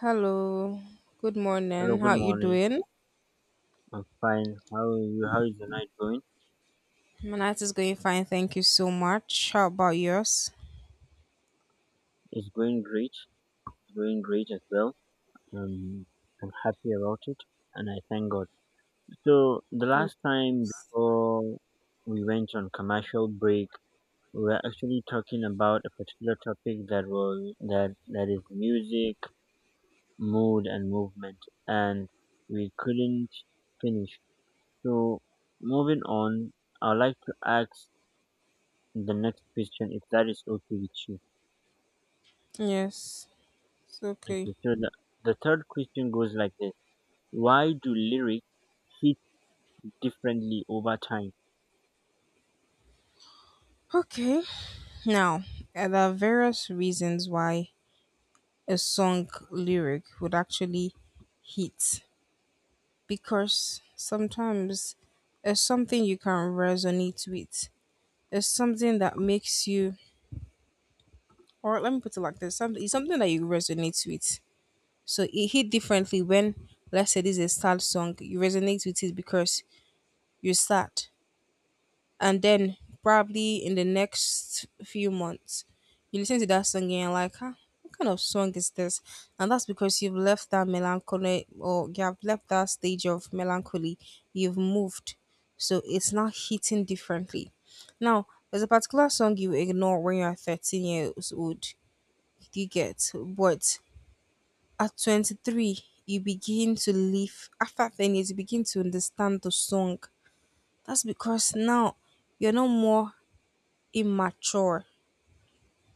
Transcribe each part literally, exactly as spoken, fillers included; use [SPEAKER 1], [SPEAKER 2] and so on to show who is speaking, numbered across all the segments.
[SPEAKER 1] Hello, good
[SPEAKER 2] Hello,
[SPEAKER 1] morning.
[SPEAKER 2] good
[SPEAKER 1] How you
[SPEAKER 2] morning.
[SPEAKER 1] doing?
[SPEAKER 2] I'm fine. How are you? How is your night going?
[SPEAKER 1] My night is going fine, thank you so much. How about yours?
[SPEAKER 2] It's going great. It's going great as well. Um, I'm happy about it and I thank God. So, the
[SPEAKER 1] Mm,
[SPEAKER 2] last time before we went on commercial break, we were actually talking about a particular topic that was that that is music, mood and movement and we couldn't finish. So, moving on, I'd like to ask the next question if that is okay with you.
[SPEAKER 1] yes, it's okay.
[SPEAKER 2] Okay, so the, the third question goes like this: Why do lyrics hit differently over time?
[SPEAKER 1] Okay. Now, uh, there are various reasons why a song lyric would actually hit because sometimes it's something you can resonate with. It's something that makes you, or let me put it like this: something, it's something that you resonate with. So it hit differently when, let's say, this is a sad song, you resonate with it because you're sad. And then probably in the next few months, you listen to that song and you're like, huh, what kind of song is this? And that's because you've left that melancholy or you have left that stage of melancholy. You've moved. So it's now hitting differently. Now, there's a particular song you ignore when you're thirteen years old. You get, but at twenty-three, you begin to live. After ten years, you begin to understand the song. That's because now you're no more immature.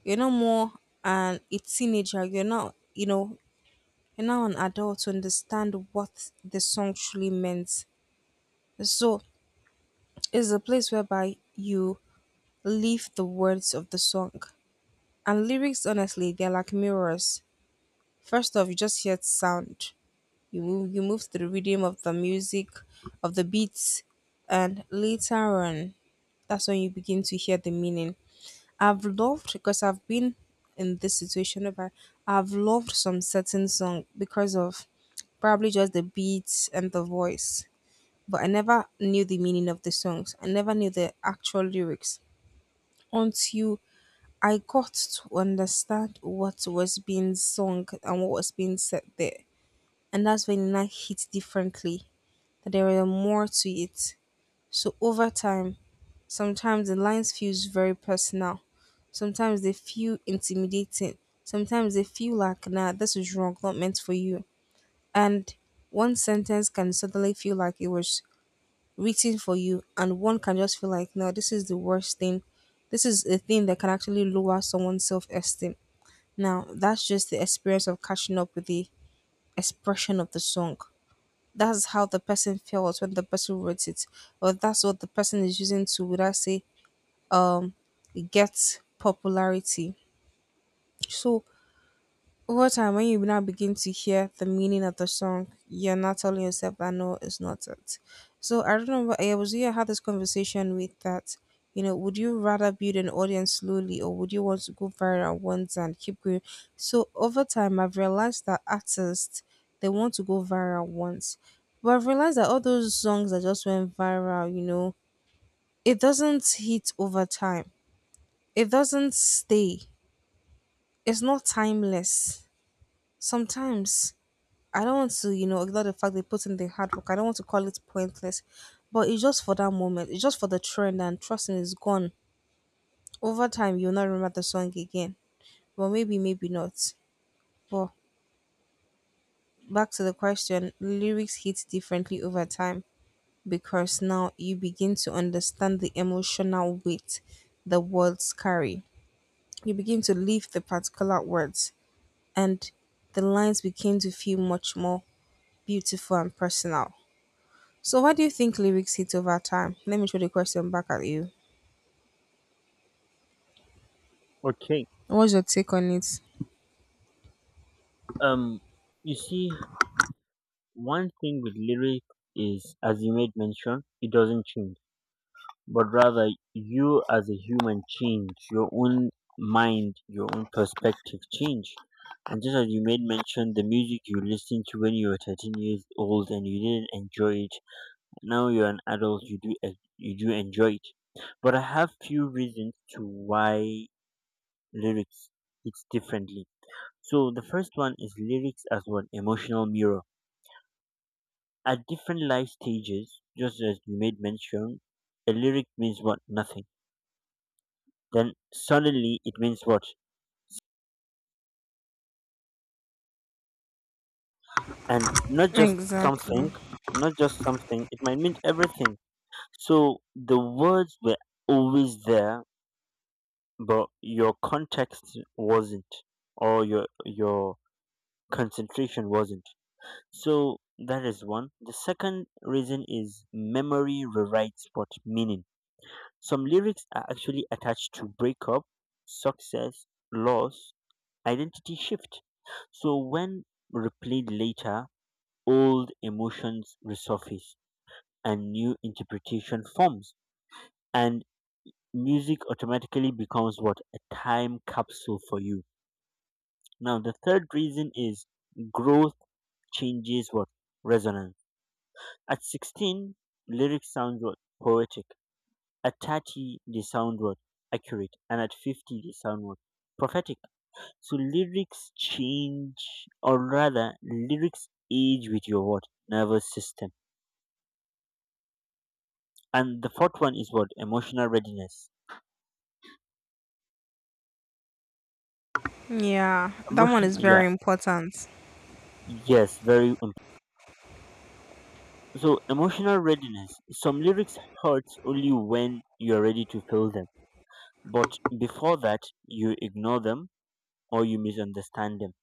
[SPEAKER 1] You're no more an, a teenager. You're not, you know, you're now an adult to understand what the song truly meant. So it's a place whereby you live the words of the song. And lyrics, honestly, they're like mirrors. First off, you just hear sound. You move, you move to the rhythm of the music, of the beats, and later on, that's when you begin to hear the meaning. I've loved because I've been in this situation, but I've loved some certain song because of probably just the beats and the voice. But I never knew the meaning of the songs. I never knew the actual lyrics until I got to understand what was being sung and what was being said there. And that's when it now hit differently, that there were more to it. So over time, sometimes the lines feels very personal. Sometimes they feel intimidating. Sometimes they feel like, nah, this is wrong, not meant for you. And one sentence can suddenly feel like it was written for you, and one can just feel like, no, this is the worst thing. This is a thing that can actually lower someone's self esteem. Now, that's just the experience of catching up with the expression of the song, that's how the person felt when the person wrote it, or that's what the person is using to, would I say, um get popularity. So over time, when you now begin to hear the meaning of the song, you're not telling yourself that no, it's not it. So I remember I was here, I had this conversation with that. You know, would you rather build an audience slowly or would you want to go viral once and keep going? So over time, I've realized that artists, they want to go viral once. But I've realized that all those songs that just went viral, you know, it doesn't hit over time. It doesn't stay. It's not timeless. Sometimes I don't want to, you know, ignore the fact they put in the hard work. I don't want to call it pointless, but it's just for that moment. It's just for the trend, and trust me, it's gone. Over time, you'll not remember the song again. Well, maybe, maybe not. But back to the question, lyrics hit differently over time because now you begin to understand the emotional weight the words carry. You begin to live the particular words, and the lines begin to feel much more beautiful and personal. So, why do you think lyrics hit over time? Let me throw the question back at you.
[SPEAKER 2] Okay,
[SPEAKER 1] What's your take on it?
[SPEAKER 2] um, you see, one thing with lyric is, as you made mention, it doesn't change, but rather you as a human change, your own mind, your own perspective change. And just as you made mention, the music you listened to when you were thirteen years old and you didn't enjoy it, now you're an adult, you do en- you do enjoy it, but I have few reasons to why lyrics hits differently. So the first one is lyrics as one emotional mirror at different life stages. Just as you made mention, a lyric means what nothing, then suddenly it means what, and not just
[SPEAKER 1] Exactly.
[SPEAKER 2] something not just something it might mean everything. So the words were always there, but your context wasn't, or your your concentration wasn't. So that is one. The second reason is memory rewrites what meaning. Some lyrics are actually attached to breakup, success, loss, identity shift. So when replayed later, old emotions resurface and new interpretation forms, and music automatically becomes what a time capsule for you. Now, the third reason is growth changes what resonance. At sixteen, lyrics sound what poetic. At thirty, they sound what accurate, and at fifty, they sound what prophetic. So lyrics change, or rather, lyrics age with your what nervous system. And the fourth one is what emotional readiness.
[SPEAKER 1] Yeah, that one
[SPEAKER 2] Emotion,
[SPEAKER 1] is
[SPEAKER 2] yeah,
[SPEAKER 1] very important.
[SPEAKER 2] yes, very important. So emotional readiness. Some lyrics hurt only when you're ready to feel them. But before that, you ignore them or you misunderstand them.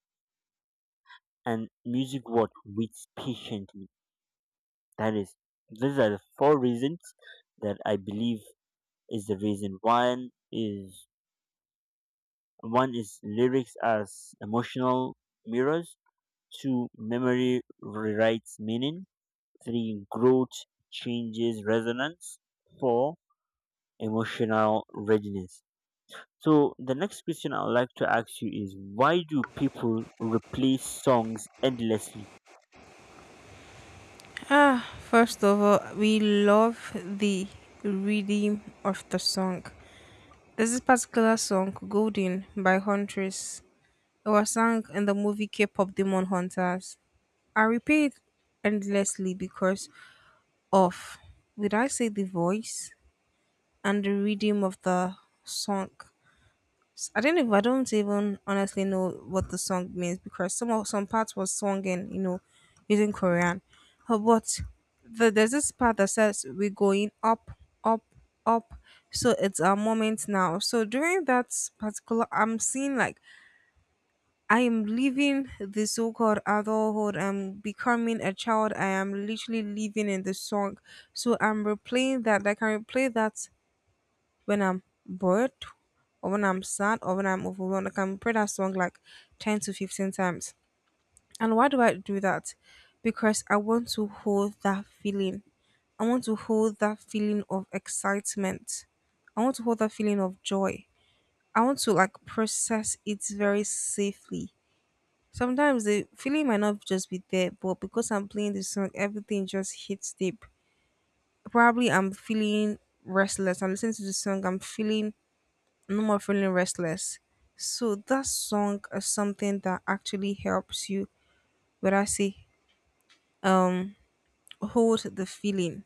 [SPEAKER 2] And music what waits patiently. That is, these are the four reasons that I believe is the reason. One is one is lyrics as emotional mirrors. Two, memory rewrites meaning. Three, growth changes resonance. Four, emotional readiness. So the next question I would like to ask you is, why do people replace songs endlessly?
[SPEAKER 1] Ah, first of all, we love the rhythm of the song. There's this particular song, Golden by Huntress. It was sung in the movie K pop Demon Hunters. I repeat endlessly because of, did I say, the voice and the rhythm of the song. I I don't even, I don't even honestly know what the song means because some of some parts was sung in, you know, using Korean. Uh, but the, there's this part that says we're going up, up, up. So it's our moment now. So during that particular, I'm seeing like I am leaving the so-called adulthood. I'm becoming a child. I am literally living in the song. So I'm replaying that. Like I can replay that when I'm bored or when I'm sad or when I'm overwhelmed. Like I can pray that song like ten to fifteen times. And why do I do that? Because I want to hold that feeling. I want to hold that feeling of excitement. I want to hold that feeling of joy. I want to like process it very safely. Sometimes the feeling might not just be there, but because I'm playing this song, everything just hits deep. Probably I'm feeling restless. I'm listening to the song, I'm feeling no more feeling restless. So that song is something that actually helps you, but I say, um, hold the feeling.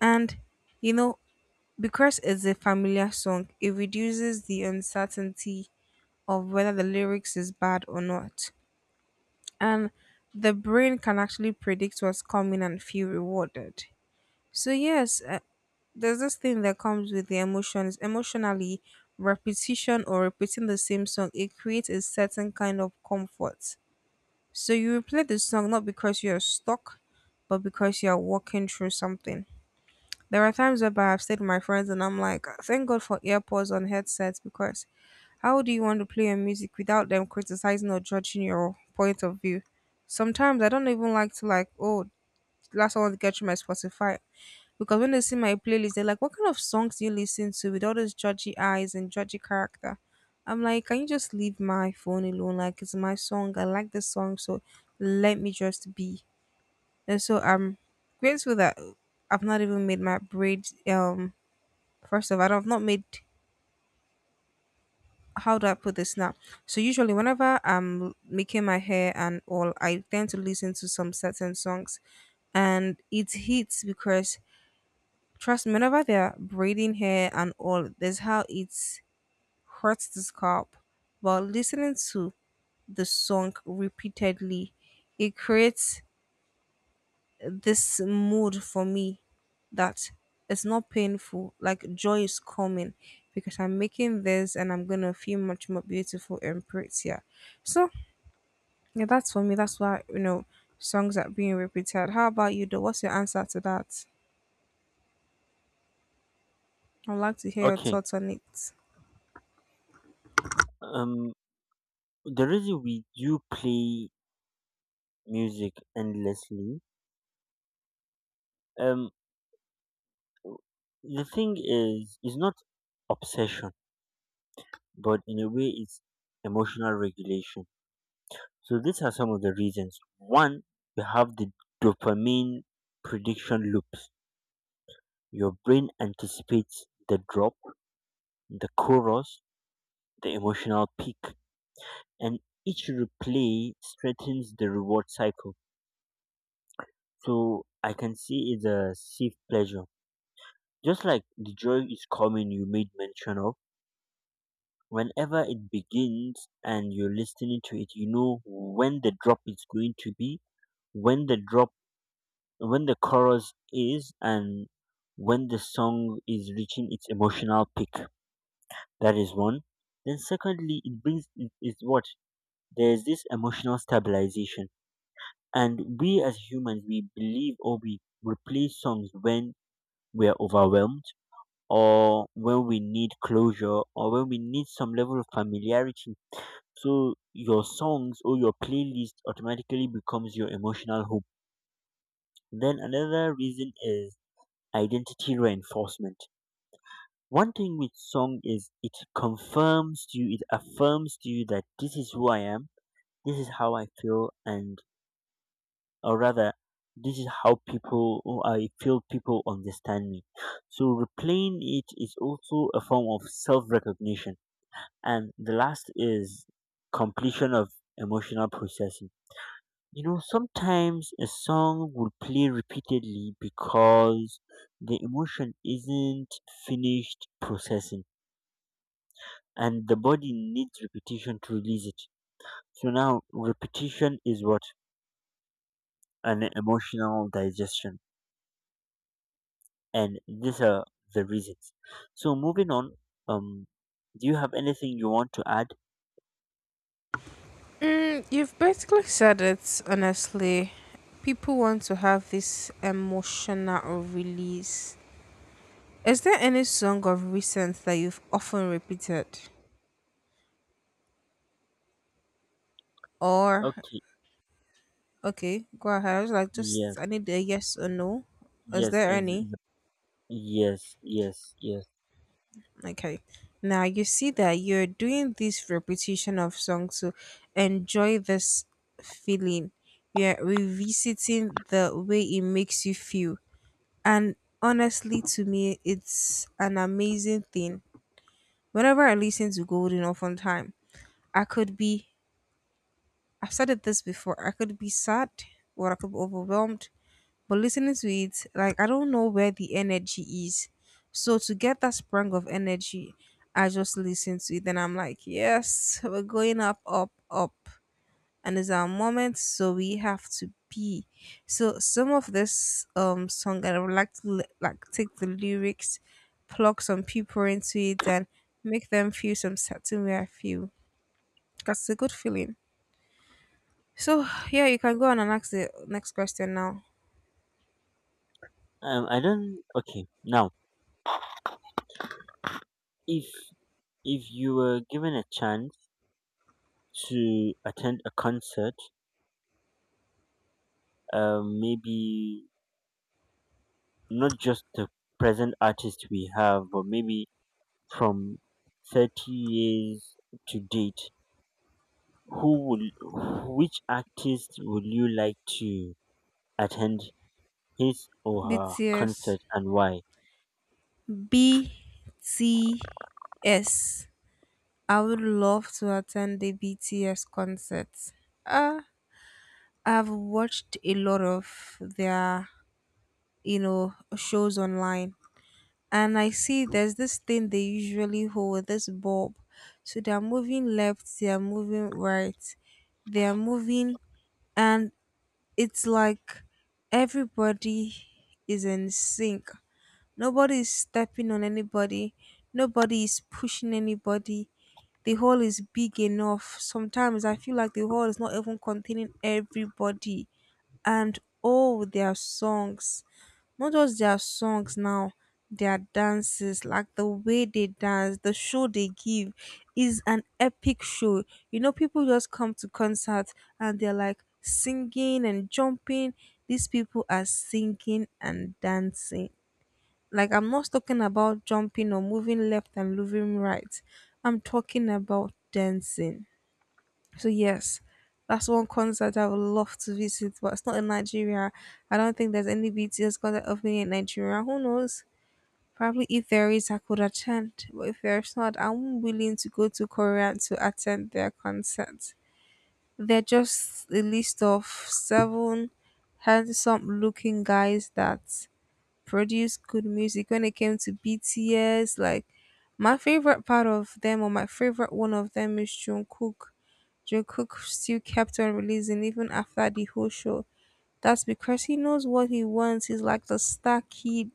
[SPEAKER 1] And you know, because it's a familiar song, it reduces the uncertainty of whether the lyrics is bad or not. And the brain can actually predict what's coming and feel rewarded. So yes, uh, there's this thing that comes with the emotions emotionally, repetition or repeating the same song, it creates a certain kind of comfort. So you replay the song not because you're stuck but because you're walking through something. There are times where I've stayed with my friends and I'm like, thank God for earpods on headsets, because how do you want to play your music without them criticizing or judging your point of view? Sometimes I don't even like to, like, oh last, I want to get through my Spotify, because when they see my playlist, they're like, what kind of songs do you listen to with all those judgy eyes and judgy character? I'm like, can you just leave my phone alone? Like, it's my song. I like this song. So let me just be. And so I'm grateful that I've not even made my braid. Um, first of all, I've not made. How do I put this now? So usually, whenever I'm making my hair and all, I tend to listen to some certain songs, and it hits because, trust me, whenever they're braiding hair and all, there's how it hurts the scalp. But listening to the song repeatedly, it creates this mood for me that it's not painful. Like joy is coming because I'm making this and I'm gonna feel much more beautiful and prettier. So yeah, that's for me. That's why you know songs are being repeated. How about you though? What's your answer to that? I'd like to hear your
[SPEAKER 2] Okay.
[SPEAKER 1] thoughts on it.
[SPEAKER 2] Um the reason we do play music endlessly, um the thing is is not obsession, but in a way it's emotional regulation. So these are some of the reasons. One, you have the dopamine prediction loops. Your brain anticipates the drop, the chorus, the emotional peak, and each replay strengthens the reward cycle. So I can see it's a safe pleasure. Just like the joy is coming you made mention of, whenever it begins and you're listening to it, you know when the drop is going to be, when the drop when the chorus is, and when the song is reaching its emotional peak. That is one. Then secondly it brings it is what? There's this emotional stabilization. And we as humans, we believe or we replace songs when we're overwhelmed, or when we need closure, or when we need some level of familiarity. So your songs or your playlist automatically becomes your emotional home. Then another reason is identity reinforcement. One thing with song is it confirms to you, it affirms to you that this is who I am, this is how I feel, and or rather this is how people or I feel people understand me. So replaying it is also a form of self-recognition. And the last is completion of emotional processing. You know, sometimes a song will play repeatedly because the emotion isn't finished processing, and the body needs repetition to release it. So now repetition is what an emotional digestion. And these are the reasons. So moving on, um, do you have anything you want to add?
[SPEAKER 1] Mm, you've basically said it, honestly. People want to have this emotional release. Is there any song of recent that you've often repeated? Or,
[SPEAKER 2] Okay.
[SPEAKER 1] okay, go ahead. I was like,
[SPEAKER 2] Yes.
[SPEAKER 1] just, I need a yes or no. Is
[SPEAKER 2] Yes.
[SPEAKER 1] there
[SPEAKER 2] Is,
[SPEAKER 1] any?
[SPEAKER 2] is yes. Yes. Yes.
[SPEAKER 1] Okay. Now, you see that you're doing this repetition of songs to enjoy this feeling. You're revisiting the way it makes you feel. And honestly, to me, it's an amazing thing. Whenever I listen to Golden Often Time, I could be, I've said it this before, I could be sad or I could be overwhelmed. But listening to it, like, I don't know where the energy is. So to get that sprung of energy, I just listen to it and I'm like, yes, we're going up, up, up, and it's our moment, so we have to be. So some of this um song I would like to li- like take the lyrics, plug some people into it and make them feel some certain way I feel, because it's a good feeling. So yeah, you can go on and ask the next question now.
[SPEAKER 2] Um, I don't. Okay. Now, if if you were given a chance to attend a concert, um, maybe not just the present artist we have, but maybe from thirty years to date, who will, which artist would you like to attend his or her
[SPEAKER 1] BTS.
[SPEAKER 2] concert and why?
[SPEAKER 1] BTS. Would love to attend the BTS concert. uh I've watched a lot of their, you know, shows online, and I see there's this thing they usually hold this bulb. So they're moving left, they're moving right, they're moving, and it's like everybody is in sync. Nobody is stepping on anybody. Nobody is pushing anybody. The hall is big enough, sometimes I feel like the hall is not even containing everybody. And oh, their songs, not just their songs now, their dances, like the way they dance, the show they give is an epic show. You know, people just come to concerts and they're like singing and jumping. These people are singing and dancing. Like I'm not talking about jumping or moving left and moving right, I'm talking about dancing. So yes, that's one concert I would love to visit, but it's not in Nigeria. I don't think there's any B T S concert happening in Nigeria. Who knows? Probably if there is, I could attend. But if there's not, I'm willing to go to Korea to attend their concerts. They're just a list of seven handsome looking guys that produce good music. When it came to B T S, like, my favorite part of them or my favorite one of them is Jungkook. Joe Cook still kept on releasing even after the whole show. That's because he knows what he wants. He's like the star kid.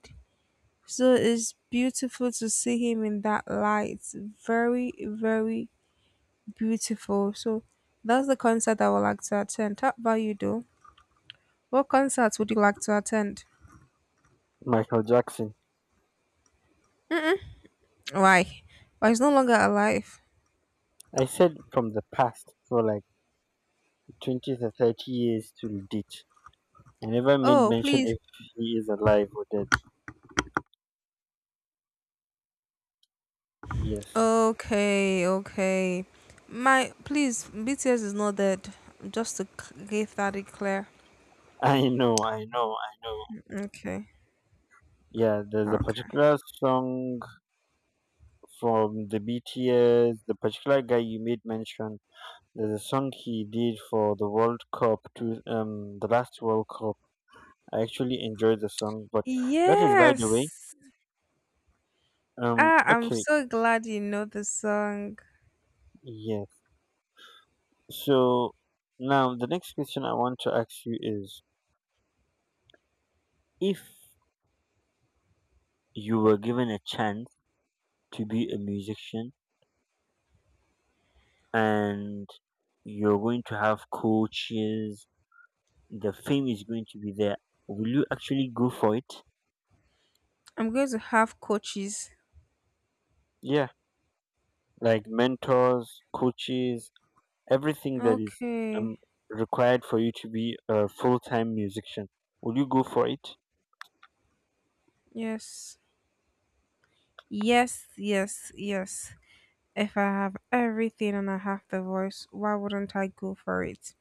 [SPEAKER 1] So it's beautiful to see him in that light. Very, very beautiful. So that's the concert I would like to attend. How about you, though? What concert would you like to attend?
[SPEAKER 2] Michael Jackson.
[SPEAKER 1] Mm-mm. Why? Why, he's no longer alive?
[SPEAKER 2] I said from the past for like twenty to thirty years till date. I never made
[SPEAKER 1] Oh,
[SPEAKER 2] mention
[SPEAKER 1] please.
[SPEAKER 2] if he is alive or dead. Yes.
[SPEAKER 1] Okay, okay. My please, B T S is not dead. Just to c- give that a clear.
[SPEAKER 2] I know, I know, I know.
[SPEAKER 1] Okay.
[SPEAKER 2] Yeah, there's a
[SPEAKER 1] Okay.
[SPEAKER 2] particular song from the B T S, the particular guy you made mention. There's a song he did for the World Cup to um the last World Cup. I actually enjoyed the song, but that is by the way.
[SPEAKER 1] Yes.
[SPEAKER 2] Um
[SPEAKER 1] Ah, I'm
[SPEAKER 2] okay.
[SPEAKER 1] so glad you know the song.
[SPEAKER 2] Yes. So now the next question I want to ask you is, if you were given a chance to be a musician, and you're going to have coaches, the fame is going to be there, will you actually go for it?
[SPEAKER 1] I'm going to have coaches.
[SPEAKER 2] Yeah, like mentors, coaches, everything that is
[SPEAKER 1] Okay.
[SPEAKER 2] um, required for you to be a full-time musician. Will you go for it?
[SPEAKER 1] Yes. Yes, yes, yes. If I have everything and I have the voice, why wouldn't I go for it?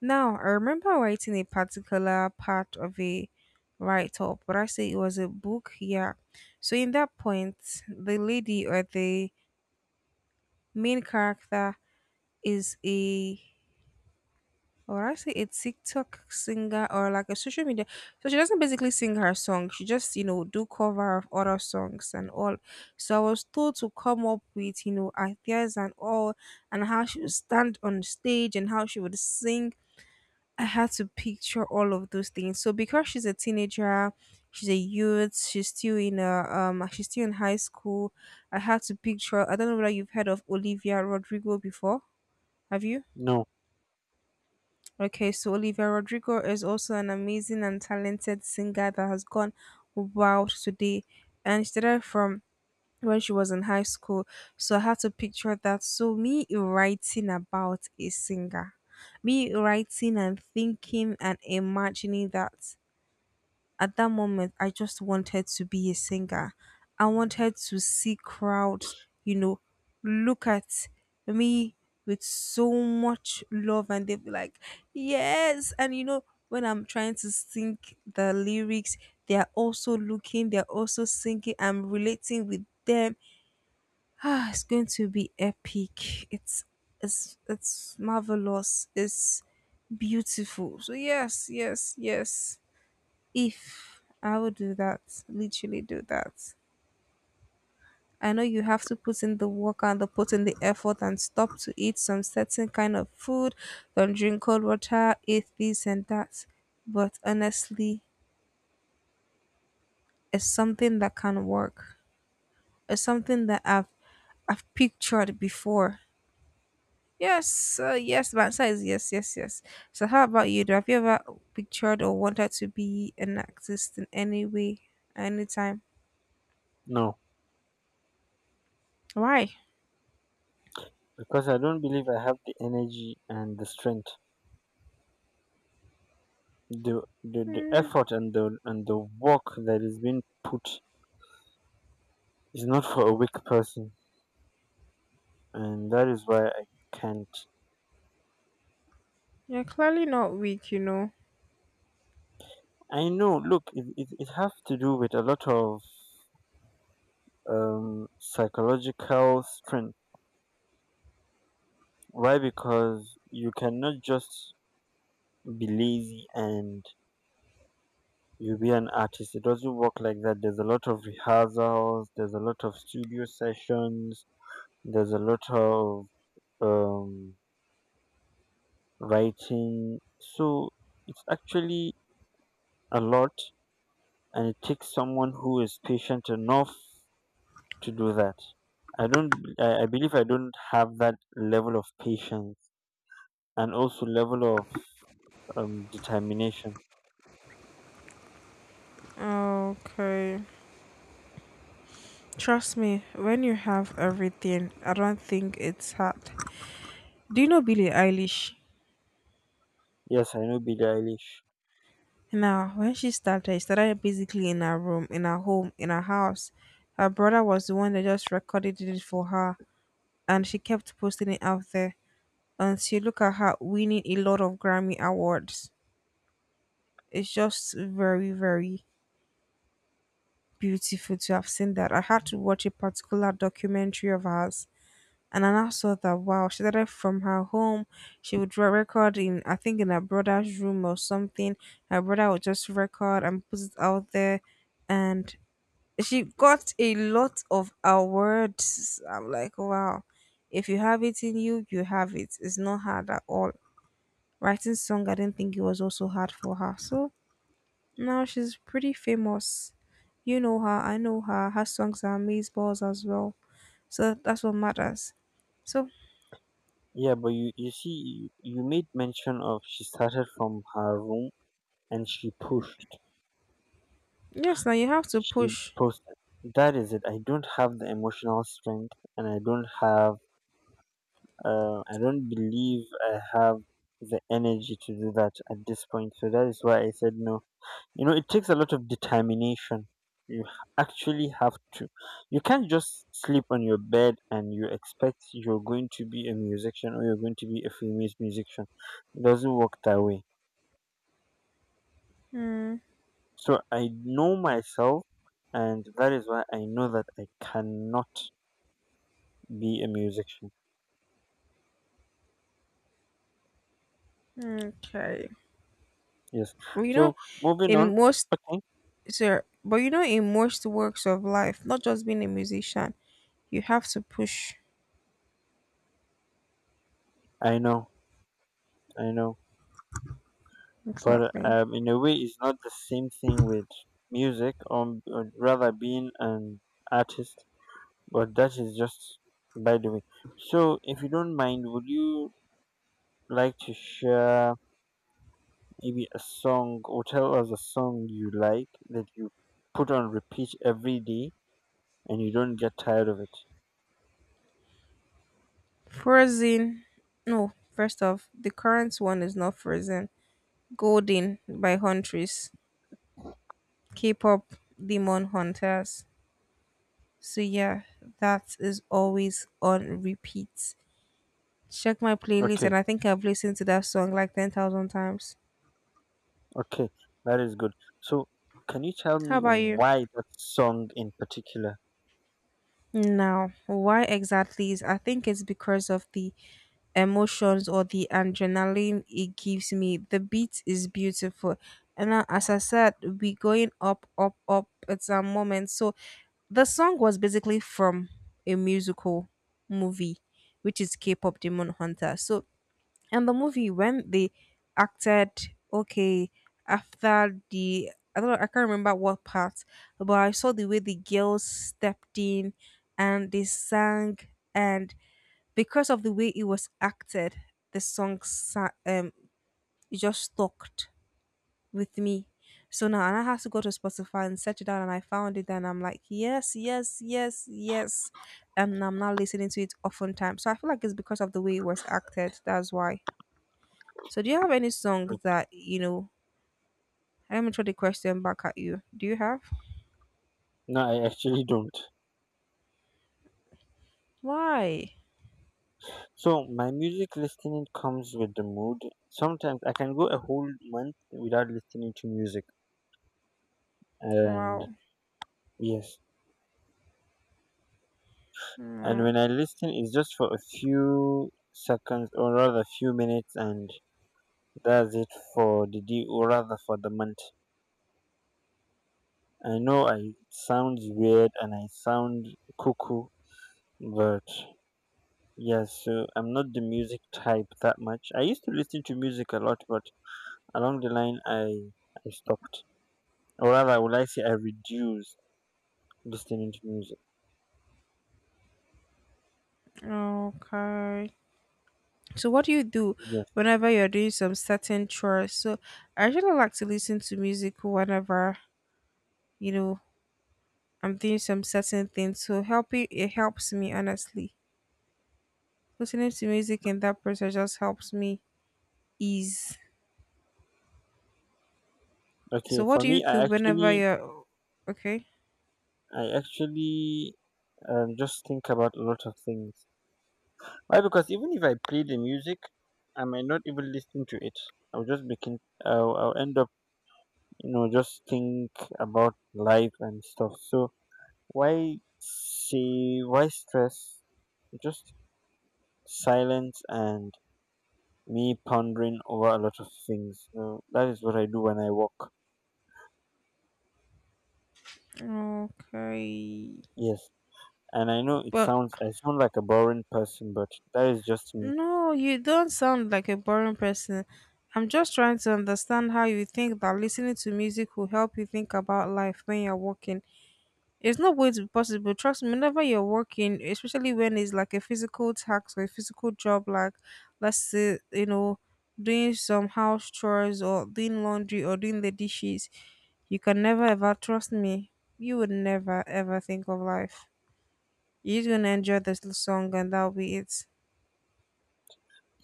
[SPEAKER 1] Now, I remember writing a particular part of a write up, but I say it was a book, yeah. So, in that point, the lady or the main character is a, or I say, a TikTok singer or like a social media. So she doesn't basically sing her song. She just, you know, do cover of other songs and all. So I was told to come up with, you know, ideas and all and how she would stand on stage and how she would sing. I had to picture all of those things. So because she's a teenager, she's a youth, she's still in a um she's still in high school. I had to picture I don't know whether you've heard of Olivia Rodrigo before. Have you?
[SPEAKER 2] No,
[SPEAKER 1] Okay, so Olivia Rodrigo is also an amazing and talented singer that has gone wild today. And she started from when she was in high school. So I had to picture that. So me writing about a singer, me writing and thinking and imagining that. At that moment, I just wanted to be a singer. I wanted to see crowds, you know, look at me with so much love, and they'd be like, yes. And you know, when I'm trying to sing the lyrics, they are also looking, they're also singing. I'm relating with them. Ah, it's going to be epic. It's it's it's marvelous. It's beautiful. So yes, yes, yes. If I would do that, literally do that. I know you have to put in the work and the put in the effort and stop to eat some certain kind of food, don't drink cold water, eat this and that. But honestly, it's something that can work. It's something that I've I've pictured before. Yes, uh, yes, my answer is yes, yes, yes. So how about you? Do have you ever pictured or wanted to be an artist in any way, anytime?
[SPEAKER 2] no,
[SPEAKER 1] Why?
[SPEAKER 2] because I don't believe I have the energy and the strength. the, the the
[SPEAKER 1] Hmm.
[SPEAKER 2] effort and the and the work that is being put is not for a weak person, and that is why I can't.
[SPEAKER 1] You're clearly not weak, you know.
[SPEAKER 2] I know look it, it, it has to do with a lot of um psychological strength. Why? Because you cannot just be lazy and you be an artist. It doesn't work like that. There's a lot of rehearsals, there's a lot of studio sessions, there's a lot of um writing. So it's actually a lot, and it takes someone who is patient enough to do that. I don't. I, I believe I don't have that level of patience and also level of um, determination.
[SPEAKER 1] Okay. Trust me, when you have everything, I don't think it's hard. Do you know Billie Eilish?
[SPEAKER 2] Yes, I know Billie Eilish.
[SPEAKER 1] Now, when she started, she started basically in her room, in her home, in her house. Her brother was the one that just recorded it for her, and she kept posting it out there until you look at her winning a lot of Grammy awards. It's just very, very beautiful to have seen that. I had to watch a particular documentary of hers. And I now saw that, wow, she started from her home. She would re- record in, I think, in her brother's room or something. Her brother would just record and put it out there, and she got a lot of awards. I'm like, wow, if you have it in you, you have it. It's not hard at all. Writing song, I didn't think it was also hard for her. So now she's pretty famous. You know her, I know her. Her songs are amazeballs as well. So that's what matters. So
[SPEAKER 2] Yeah, but you you see, you, you made mention of she started from her room and she pushed.
[SPEAKER 1] yes, now you have to
[SPEAKER 2] She
[SPEAKER 1] push.
[SPEAKER 2] posted. That is it. I don't have the emotional strength, and I don't have Uh, I don't believe I have the energy to do that at this point. So that is why I said no. You know, it takes a lot of determination. You h- actually have to. You can't just sleep on your bed and you expect you're going to be a musician or you're going to be a famous musician. It doesn't work that way.
[SPEAKER 1] Mm,
[SPEAKER 2] So I know myself, and that is why I know that I cannot be a musician.
[SPEAKER 1] okay.
[SPEAKER 2] Yes.
[SPEAKER 1] Well, you
[SPEAKER 2] So
[SPEAKER 1] know,
[SPEAKER 2] moving on.
[SPEAKER 1] in most,
[SPEAKER 2] Okay.
[SPEAKER 1] sir, but you know, in most works of life, not just being a musician, you have to push.
[SPEAKER 2] I know. I know. But
[SPEAKER 1] Exactly.
[SPEAKER 2] um, in a way it's not the same thing with music, or, or rather being an artist, but that is just by the way. So if you don't mind, would you like to share maybe a song, or tell us a song you like that you put on repeat every day and you don't get tired of it?
[SPEAKER 1] Frozen. No, first off, the current one is not Frozen. Golden by Huntress. K-pop Demon Hunters. So yeah, that is always on repeat. Check my playlist,
[SPEAKER 2] Okay.
[SPEAKER 1] and I think I've listened to that song like ten thousand times.
[SPEAKER 2] Okay, that is good. So can you tell
[SPEAKER 1] How
[SPEAKER 2] me
[SPEAKER 1] about you?
[SPEAKER 2] why that song in particular?
[SPEAKER 1] Now, why exactly is I think it's because of the emotions or the adrenaline it gives me. The beat is beautiful. And now, as I said, we going up, up, up. It's a moment. So the song was basically from a musical movie, which is K-pop Demon Hunter. So and the movie when they acted, okay, after the, I don't know, I can't remember what part, but I saw the way the girls stepped in and they sang, and because of the way it was acted, the song sa- um it just stuck with me. So now, and I had to go to Spotify and search it out, and I found it, and I'm like, yes, yes, yes, yes, and I'm now listening to it often times. So I feel like it's because of the way it was acted. That's why. So do you have any song that, you know, let me throw the question back at you. Do you have?
[SPEAKER 2] No, I actually don't.
[SPEAKER 1] Why?
[SPEAKER 2] So my music listening comes with the mood. Sometimes I can go a whole month without listening to music, and
[SPEAKER 1] Wow.
[SPEAKER 2] yes, and
[SPEAKER 1] Mm,
[SPEAKER 2] when I listen, it's just for a few seconds, or rather few minutes, and that's it for the day or rather for the month. I know I sound weird and I sound cuckoo, but yes, so I'm not the music type that much. I used to listen to music a lot, but along the line, I I stopped. Or rather, would I say I reduced listening to music?
[SPEAKER 1] okay. So what do you do
[SPEAKER 2] Yes.
[SPEAKER 1] whenever you're doing some certain chores? So I really like to listen to music whenever, you know, I'm doing some certain things. So helping it helps me honestly. Listening to music in that process just helps me ease.
[SPEAKER 2] Okay.
[SPEAKER 1] So what
[SPEAKER 2] For
[SPEAKER 1] do you
[SPEAKER 2] me, I
[SPEAKER 1] do whenever
[SPEAKER 2] actually,
[SPEAKER 1] you're okay?
[SPEAKER 2] I actually um, just think about a lot of things. Why? Because even if I play the music, I might not even listen to it. I'll just begin. I'll, I'll end up, you know, just think about life and stuff. So why say why stress? Just silence and me pondering over a lot of things. So that is what I do when I walk.
[SPEAKER 1] Okay.
[SPEAKER 2] Yes. And I know it
[SPEAKER 1] But
[SPEAKER 2] sounds I sound like a boring person, but that is just me.
[SPEAKER 1] no, you don't sound like a boring person. I'm just trying to understand how you think that listening to music will help you think about life when you're working. It's not going to be possible. Trust me, whenever you're working, especially when it's like a physical task or a physical job, like, let's say, you know, doing some house chores or doing laundry or doing the dishes, you can never ever, trust me, you would never ever think of life. You're just gonna enjoy this l- song and that'll be it.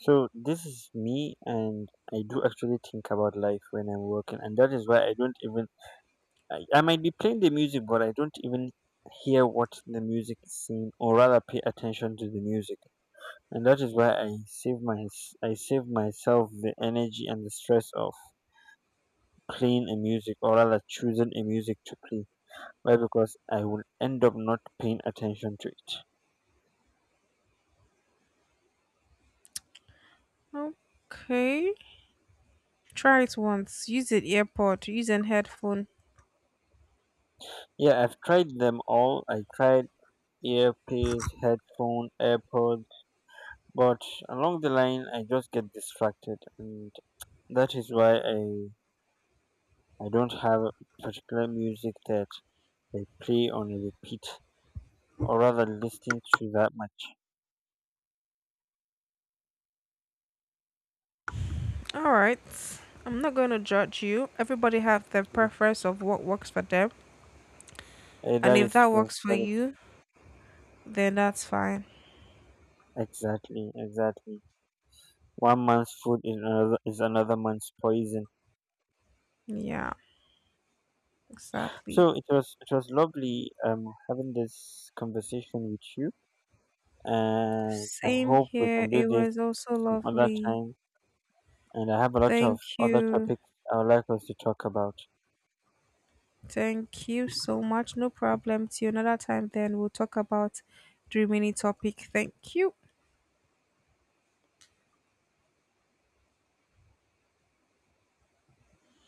[SPEAKER 2] So this is me, and I do actually think about life when I'm working, and that is why I don't even I, I might be playing the music, but I don't even hear what the music is saying, or rather pay attention to the music, and that is why I save my I save myself the energy and the stress of playing a music, or rather choosing a music to play. Why? Because I will end up not paying attention to it.
[SPEAKER 1] Okay. Try it once. Use an earpod. Use an headphone.
[SPEAKER 2] Yeah, I've tried them all. I tried earpiece, headphone, AirPod, but along the line I just get distracted, and that is why I I don't have particular music that I play on repeat, or rather listen to that much.
[SPEAKER 1] All right. I'm not going to judge you. Everybody have their preference of what works for them,
[SPEAKER 2] Eh,
[SPEAKER 1] and
[SPEAKER 2] that
[SPEAKER 1] if
[SPEAKER 2] is
[SPEAKER 1] that
[SPEAKER 2] true.
[SPEAKER 1] works for
[SPEAKER 2] That is
[SPEAKER 1] you, then that's fine.
[SPEAKER 2] exactly, exactly. One man's food is another is another man's poison.
[SPEAKER 1] Yeah, exactly.
[SPEAKER 2] So it was it was lovely um having this conversation with you, and I
[SPEAKER 1] Same
[SPEAKER 2] hope we
[SPEAKER 1] here.
[SPEAKER 2] can do
[SPEAKER 1] It
[SPEAKER 2] this
[SPEAKER 1] was also
[SPEAKER 2] some other
[SPEAKER 1] lovely.
[SPEAKER 2] time. And I have a lot of
[SPEAKER 1] Thank
[SPEAKER 2] other
[SPEAKER 1] you.
[SPEAKER 2] topics I would like us to talk about.
[SPEAKER 1] Thank you so much. No problem. Till another time, then we'll talk about the remaining topic. Thank you.